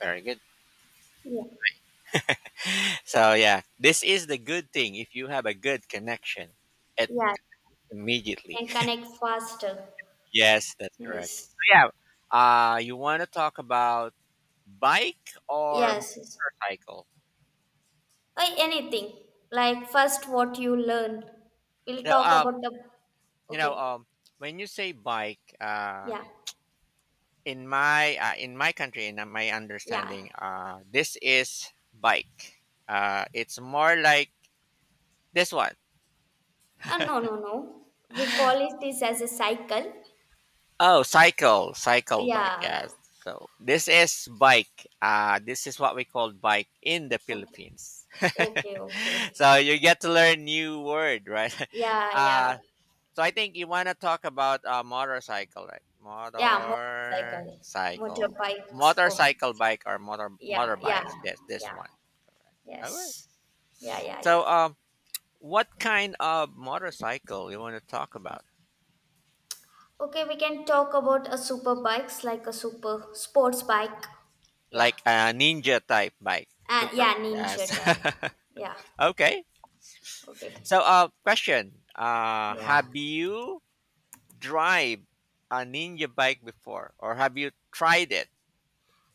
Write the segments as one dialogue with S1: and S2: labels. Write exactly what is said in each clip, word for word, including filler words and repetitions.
S1: Very good.
S2: Yeah,
S1: So yeah, this is the good thing if you have a good connection. It
S2: yeah,
S1: immediately.
S2: can connect faster.
S1: Yes, that's correct. So
S2: Yes,
S1: yeah, uh, you want to talk about bike or
S2: yes, yes.
S1: motorcycle?
S2: Or anything like first what you learn. We'll
S1: So,
S2: talk
S1: uh,
S2: about the.
S1: you know,
S2: Okay,
S1: um, when you say bike, uh,
S2: yeah,
S1: in my uh, in my country, in uh, my
S2: yeah.
S1: understanding, uh, this is bike. Uh, it's more like this one.
S2: Uh, no, no, no. We call it this as a cycle.
S1: Oh, cycle, cycle bike.
S2: Yeah.
S1: Yes. So this is bike. Uh, this is what we call bike in the
S2: Okay.
S1: Philippines.
S2: Okay. Okay.
S1: So you get to learn new word, right?
S2: Yeah. Yeah.
S1: Uh, so I think you want to talk about uh, motorcycle, right?
S2: Yeah. Motorcycle,
S1: Motorcycle,
S2: motorbikes. Oh.
S1: motorcycle bike or motor
S2: Yeah. Yeah.
S1: motorbikes. Yes, this
S2: Yeah.
S1: one. Right. All right.
S2: Yes. Yeah. Yeah. Yeah.
S1: So um, what kind of motorcycle you want to talk about?
S2: Okay, we can talk about a super bikes like a super sports bike. Yeah.
S1: Like a ninja type bike.
S2: And
S1: Super.
S2: yeah, ninja
S1: Yes.
S2: type. Yeah.
S1: Okay.
S2: Okay.
S1: So, uh, question. Uh,
S2: Yeah.
S1: have you drive a ninja bike before, or have you tried it?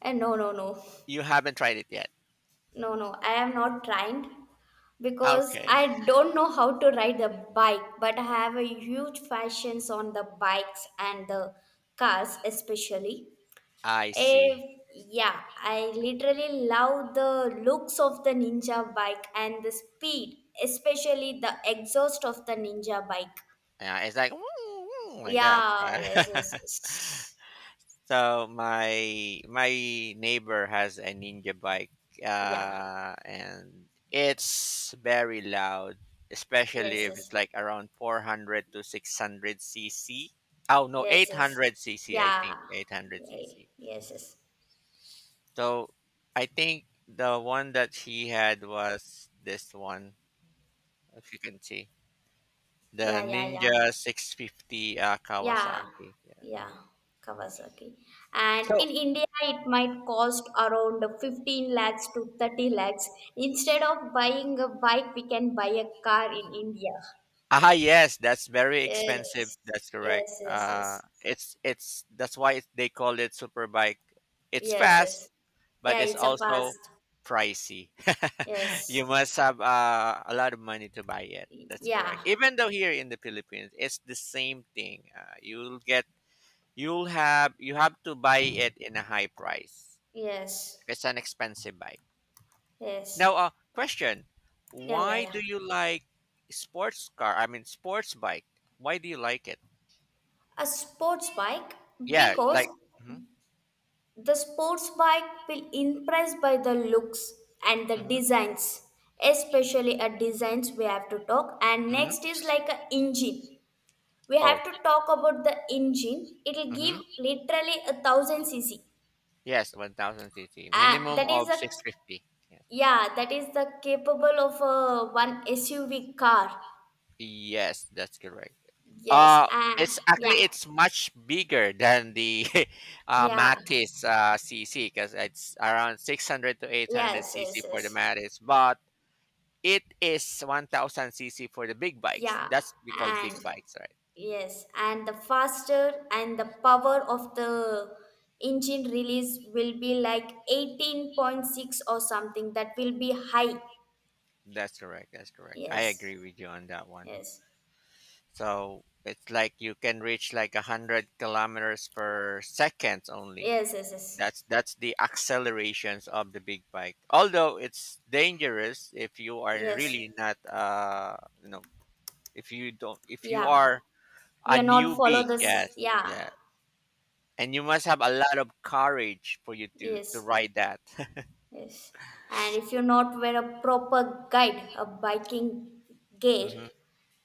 S2: And no, no, no.
S1: You haven't tried it yet.
S2: No, no. I am not trained because
S1: Okay,
S2: I don't know how to ride the bike, but I have a huge fashions on the bikes and the cars especially.
S1: I
S2: If,
S1: see.
S2: yeah, I literally love the looks of the Ninja bike and the speed, especially the exhaust of the Ninja bike.
S1: Yeah, it's like "Mm, mm," like that.
S2: Yeah, yes, yes, yes.
S1: So my my neighbor has a ninja bike,
S2: yeah,
S1: uh, and it's very loud, especially
S2: yes,
S1: if
S2: yes,
S1: it's like around four hundred to six hundred cc. Oh no,
S2: yes, yes,
S1: eight hundred cc, I
S2: yeah,
S1: think eight hundred
S2: yeah,
S1: cc.
S2: yes, yes,
S1: So I think the one that he had was this one, if you can see the
S2: yeah, yeah, yeah.
S1: Ninja six fifty uh,
S2: Yeah,
S1: Kawasaki. Yeah.
S2: yeah, Kawasaki. And
S1: So,
S2: in India, it might cost around fifteen lakhs to thirty lakhs. Instead of buying a bike, we can buy a car in India.
S1: ah, yes, that's very expensive.
S2: Yes,
S1: That's correct.
S2: yes, yes,
S1: Uh,
S2: yes,
S1: it's it's that's why it, they call it super bike. It's
S2: yes,
S1: fast,
S2: yes.
S1: but
S2: Yeah,
S1: it's
S2: it's a
S1: also
S2: fast.
S1: pricey. You
S2: Yes,
S1: must have uh, a lot of money to buy it. That's
S2: yeah,
S1: correct. Even though here in the Philippines, it's the same thing. Uh, you'll get you'll have you have to buy it in a high price.
S2: yes,
S1: It's an expensive bike.
S2: yes,
S1: Now, uh, question:
S2: yeah, yeah,
S1: Why
S2: yeah.
S1: do you like sports car? I mean, sports bike. Why do you like it?
S2: A sports bike
S1: Yeah,
S2: because
S1: like mhm,
S2: The sports bike will impress by the looks and the
S1: mhm,
S2: designs, especially a designs we have to talk. And
S1: mhm.
S2: next is like a engine. We
S1: Oh,
S2: have to talk about the engine. It will give
S1: mhm.
S2: literally a thousand cc.
S1: Yes, one thousand cc.
S2: Uh,
S1: Minimum
S2: that is
S1: of
S2: a
S1: six fifty. Yeah.
S2: yeah, that is the capable of a one S U V car.
S1: Yes, that's correct.
S2: Yes,
S1: Uh
S2: and
S1: it's actually
S2: yeah,
S1: it's much bigger than the uh,
S2: yeah,
S1: Matis uh, C C because it's around six hundred to eight hundred
S2: yes, yes,
S1: C C for the
S2: yes,
S1: Matis, but it is one thousand C C for the big bikes.
S2: yeah,
S1: That's we call big
S2: and
S1: bikes, right?
S2: yes, and the faster and the power of the engine release will be like eighteen point six or something that will be high.
S1: That's correct. That's correct. I
S2: Yes,
S1: agree with you on that one.
S2: yes,
S1: So it's like you can reach like a hundred kilometers per second only.
S2: yes, yes, yes,
S1: That's that's the accelerations of the big bike. Although it's dangerous if you are
S2: yes.
S1: really not uh you know if you don't if you
S2: Yeah,
S1: are a
S2: we are not follow
S1: newbie,
S2: this.
S1: yes,
S2: Yeah,
S1: yeah. And you must have a lot of courage for you to to
S2: yes,
S1: ride that.
S2: yes. And if you not wear a proper guide, a biking gear,
S1: Hmm.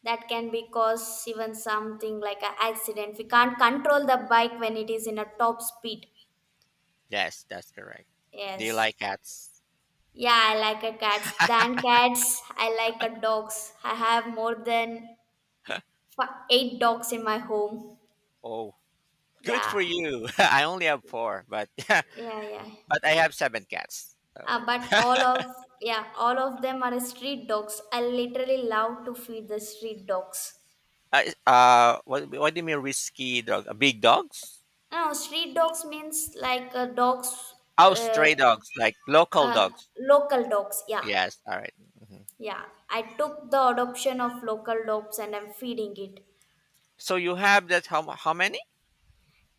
S2: that can be cause even something like an accident. We can't control the bike when it is in a top speed.
S1: Yes, that's correct. Do you
S2: Yes.
S1: like cats?
S2: Yeah, I like a cats. Than cats, I like a dogs. I have more than fi- eight dogs in my home.
S1: Oh, good
S2: Yeah,
S1: for you. I only have four, but
S2: yeah, yeah.
S1: but I have seven cats.
S2: Uh,
S1: So
S2: but all of yeah, all of them are street dogs. I literally love to feed the street dogs.
S1: Uh, is- uh, what, what do you mean risky dog? Uh, Big dogs?
S2: No, street dogs means like uh, dogs,
S1: Oh,
S2: uh,
S1: stray dogs, like local
S2: uh,
S1: dogs.
S2: local dogs. Yeah,
S1: Yes. All right. Mhm.
S2: yeah. I took the adoption of local dogs and I'm feeding it.
S1: So you have that? How mu- how many?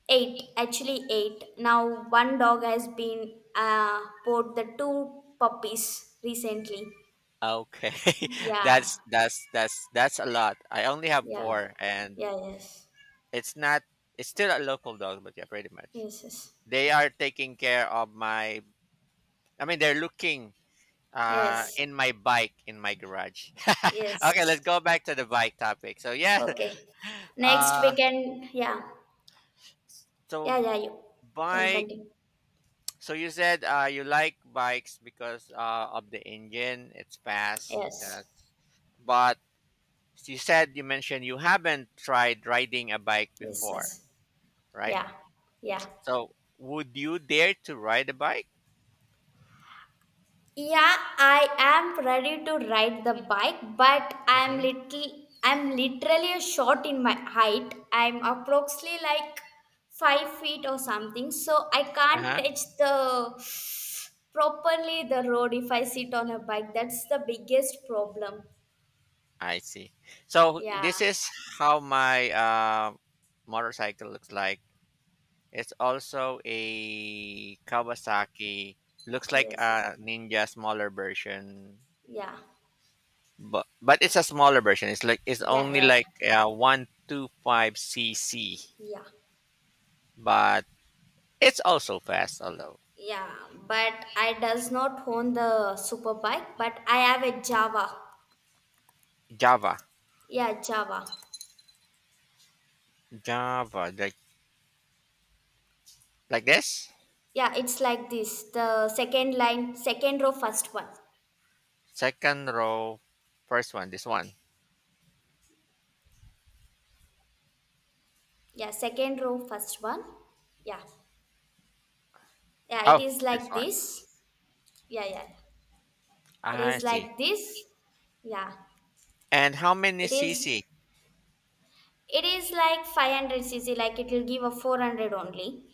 S2: Eight, actually eight. Now one dog has been uh, bought the two puppies recently.
S1: Okay,
S2: Yeah,
S1: that's that's that's that's a lot. I only have
S2: yeah,
S1: four, and
S2: yeah, yes,
S1: it's not. It's still a local dog, but yeah, pretty much.
S2: yes, yes,
S1: They are taking care of my. I mean, they're looking uh
S2: yes,
S1: in my bike in my garage. Okay, let's
S2: yes.
S1: go back to the bike topic. So yeah,
S2: Okay. Next
S1: uh,
S2: we can, yeah, yeah,
S1: so
S2: yeah, you can
S1: bike.
S2: continue.
S1: So you said uh, you like bikes because uh, of the engine. It's fast.
S2: Yes,
S1: Yes. But you said you mentioned you haven't tried riding a bike
S2: yes,
S1: before,
S2: yes,
S1: right?
S2: yeah, yeah.
S1: So would you dare to ride a bike?
S2: Yeah, I am ready to ride the bike, but I'm
S1: Hmm.
S2: little I'm literally short in my height. I'm approximately like five feet or something, so I can't
S1: Uh-huh.
S2: touch the properly the road if I sit on a bike. That's the biggest problem.
S1: I see. So
S2: Yeah.
S1: this is how my uh, motorcycle looks like. It's also a Kawasaki. Looks like
S2: Yes, yes.
S1: a Ninja smaller version,
S2: Yeah.
S1: but but it's a smaller version. It's like it's
S2: Yeah,
S1: only
S2: yeah,
S1: like uh, one two five cc,
S2: yeah.
S1: but it's also fast. Although
S2: Yeah. But I does not own the super bike, but I have a Java.
S1: Java,
S2: Yeah, Java.
S1: Java like like this
S2: Yeah, it's like this. The second line, second row, first one.
S1: second row, first one, this one.
S2: Yeah, second row, first one. Yeah. Yeah, it
S1: Oh,
S2: is
S1: this
S2: like
S1: one.
S2: this. Yeah, yeah. It
S1: I
S2: is
S1: see.
S2: like this. Yeah.
S1: And how many
S2: It is
S1: cc?
S2: it is like five hundred c c like it will give a four hundred only.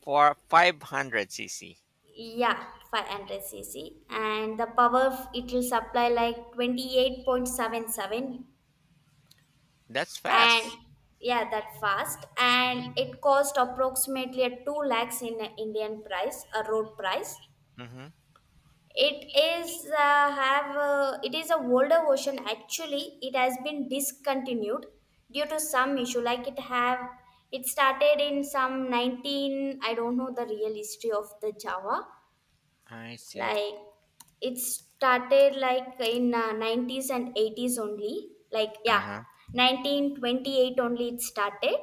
S1: For five hundred cc.
S2: Yeah, five hundred c c and the power f- it will supply like twenty-eight point seven seven
S1: That's
S2: and
S1: fast.
S2: yeah that fast
S1: Mm-hmm.
S2: and it cost approximately a two lakhs in indian price a road price.
S1: Hmm.
S2: It is uh, have uh, it is a older version, actually it has been discontinued due to some issue. Like it have it started in some nineteen, I don't know the real history of the java,
S1: I see.
S2: like it started like in uh, nineties and eighties only, like
S1: Uh
S2: yeah,
S1: huh.
S2: nineteen twenty-eight only it started,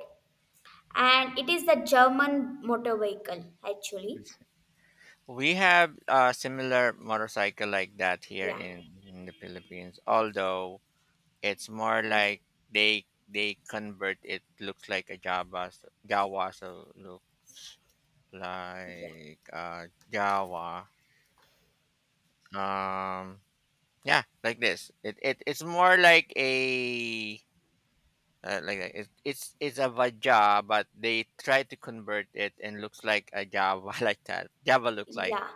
S2: and it is the German motor vehicle actually.
S1: We have a similar motorcycle like that here
S2: Yeah.
S1: in, in the Philippines, although it's more
S2: Yes.
S1: like they they convert it, looks like a Java, so Java, so look
S2: Yeah.
S1: like uh Java. Um yeah, like this. It, it it's more like a uh, like that. It, it's it's a Vaja, but they try to convert it and looks like a Java like that. Java look like
S2: Yeah.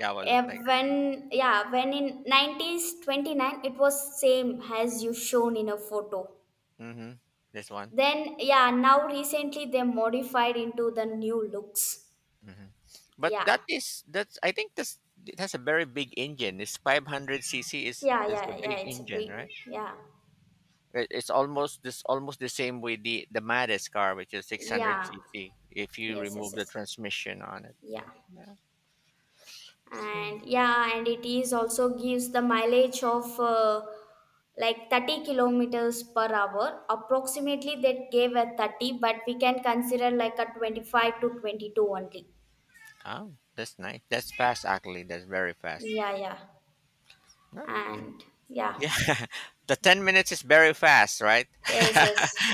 S1: Java look
S2: Eh,
S1: like I mean.
S2: when yeah, when in nineteen twenty-nine it was same as you shown in a photo.
S1: Mhm. This one.
S2: Then yeah, now recently they modified into the new looks.
S1: Mhm. But
S2: Yeah.
S1: that is that's, I think, this it has a very big engine. This five hundred cc is
S2: Yeah,
S1: is a
S2: yeah, yeah,
S1: big
S2: it's a
S1: engine,
S2: big
S1: right?
S2: yeah.
S1: It- It's almost this almost the same with the the Matis car, which is six hundred
S2: Yeah.
S1: cc. If you
S2: Yes, yes,
S1: remove the
S2: yes.
S1: transmission on it, but
S2: Yeah.
S1: yeah. So,
S2: And yeah, and it is also gives the mileage of uh, like thirty kilometers per hour, approximately that gave a thirty, but we can consider like a twenty-five to twenty-two only.
S1: oh, that's nice. That's fast, actually. That's very fast.
S2: Yeah, yeah,
S1: Yeah.
S2: and yeah,
S1: Yeah, the ten minutes is very fast, right?
S2: yes, yes,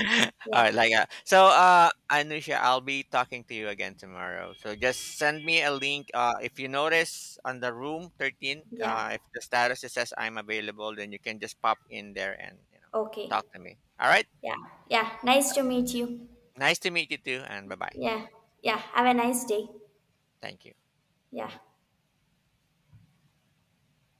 S2: yeah,
S1: All right, like uh, so uh Anusha, I'll be talking to you again tomorrow. So just send me a link uh if you notice on the room thirteen,
S2: yeah,
S1: uh if the status it says I'm available, then you can just pop in there and, you know,
S2: okay,
S1: talk to me. All right?
S2: yeah, yeah, nice to meet you,
S1: Nice to meet you too and bye-bye.
S2: yeah, yeah, have a nice day,
S1: Thank you.
S2: yeah.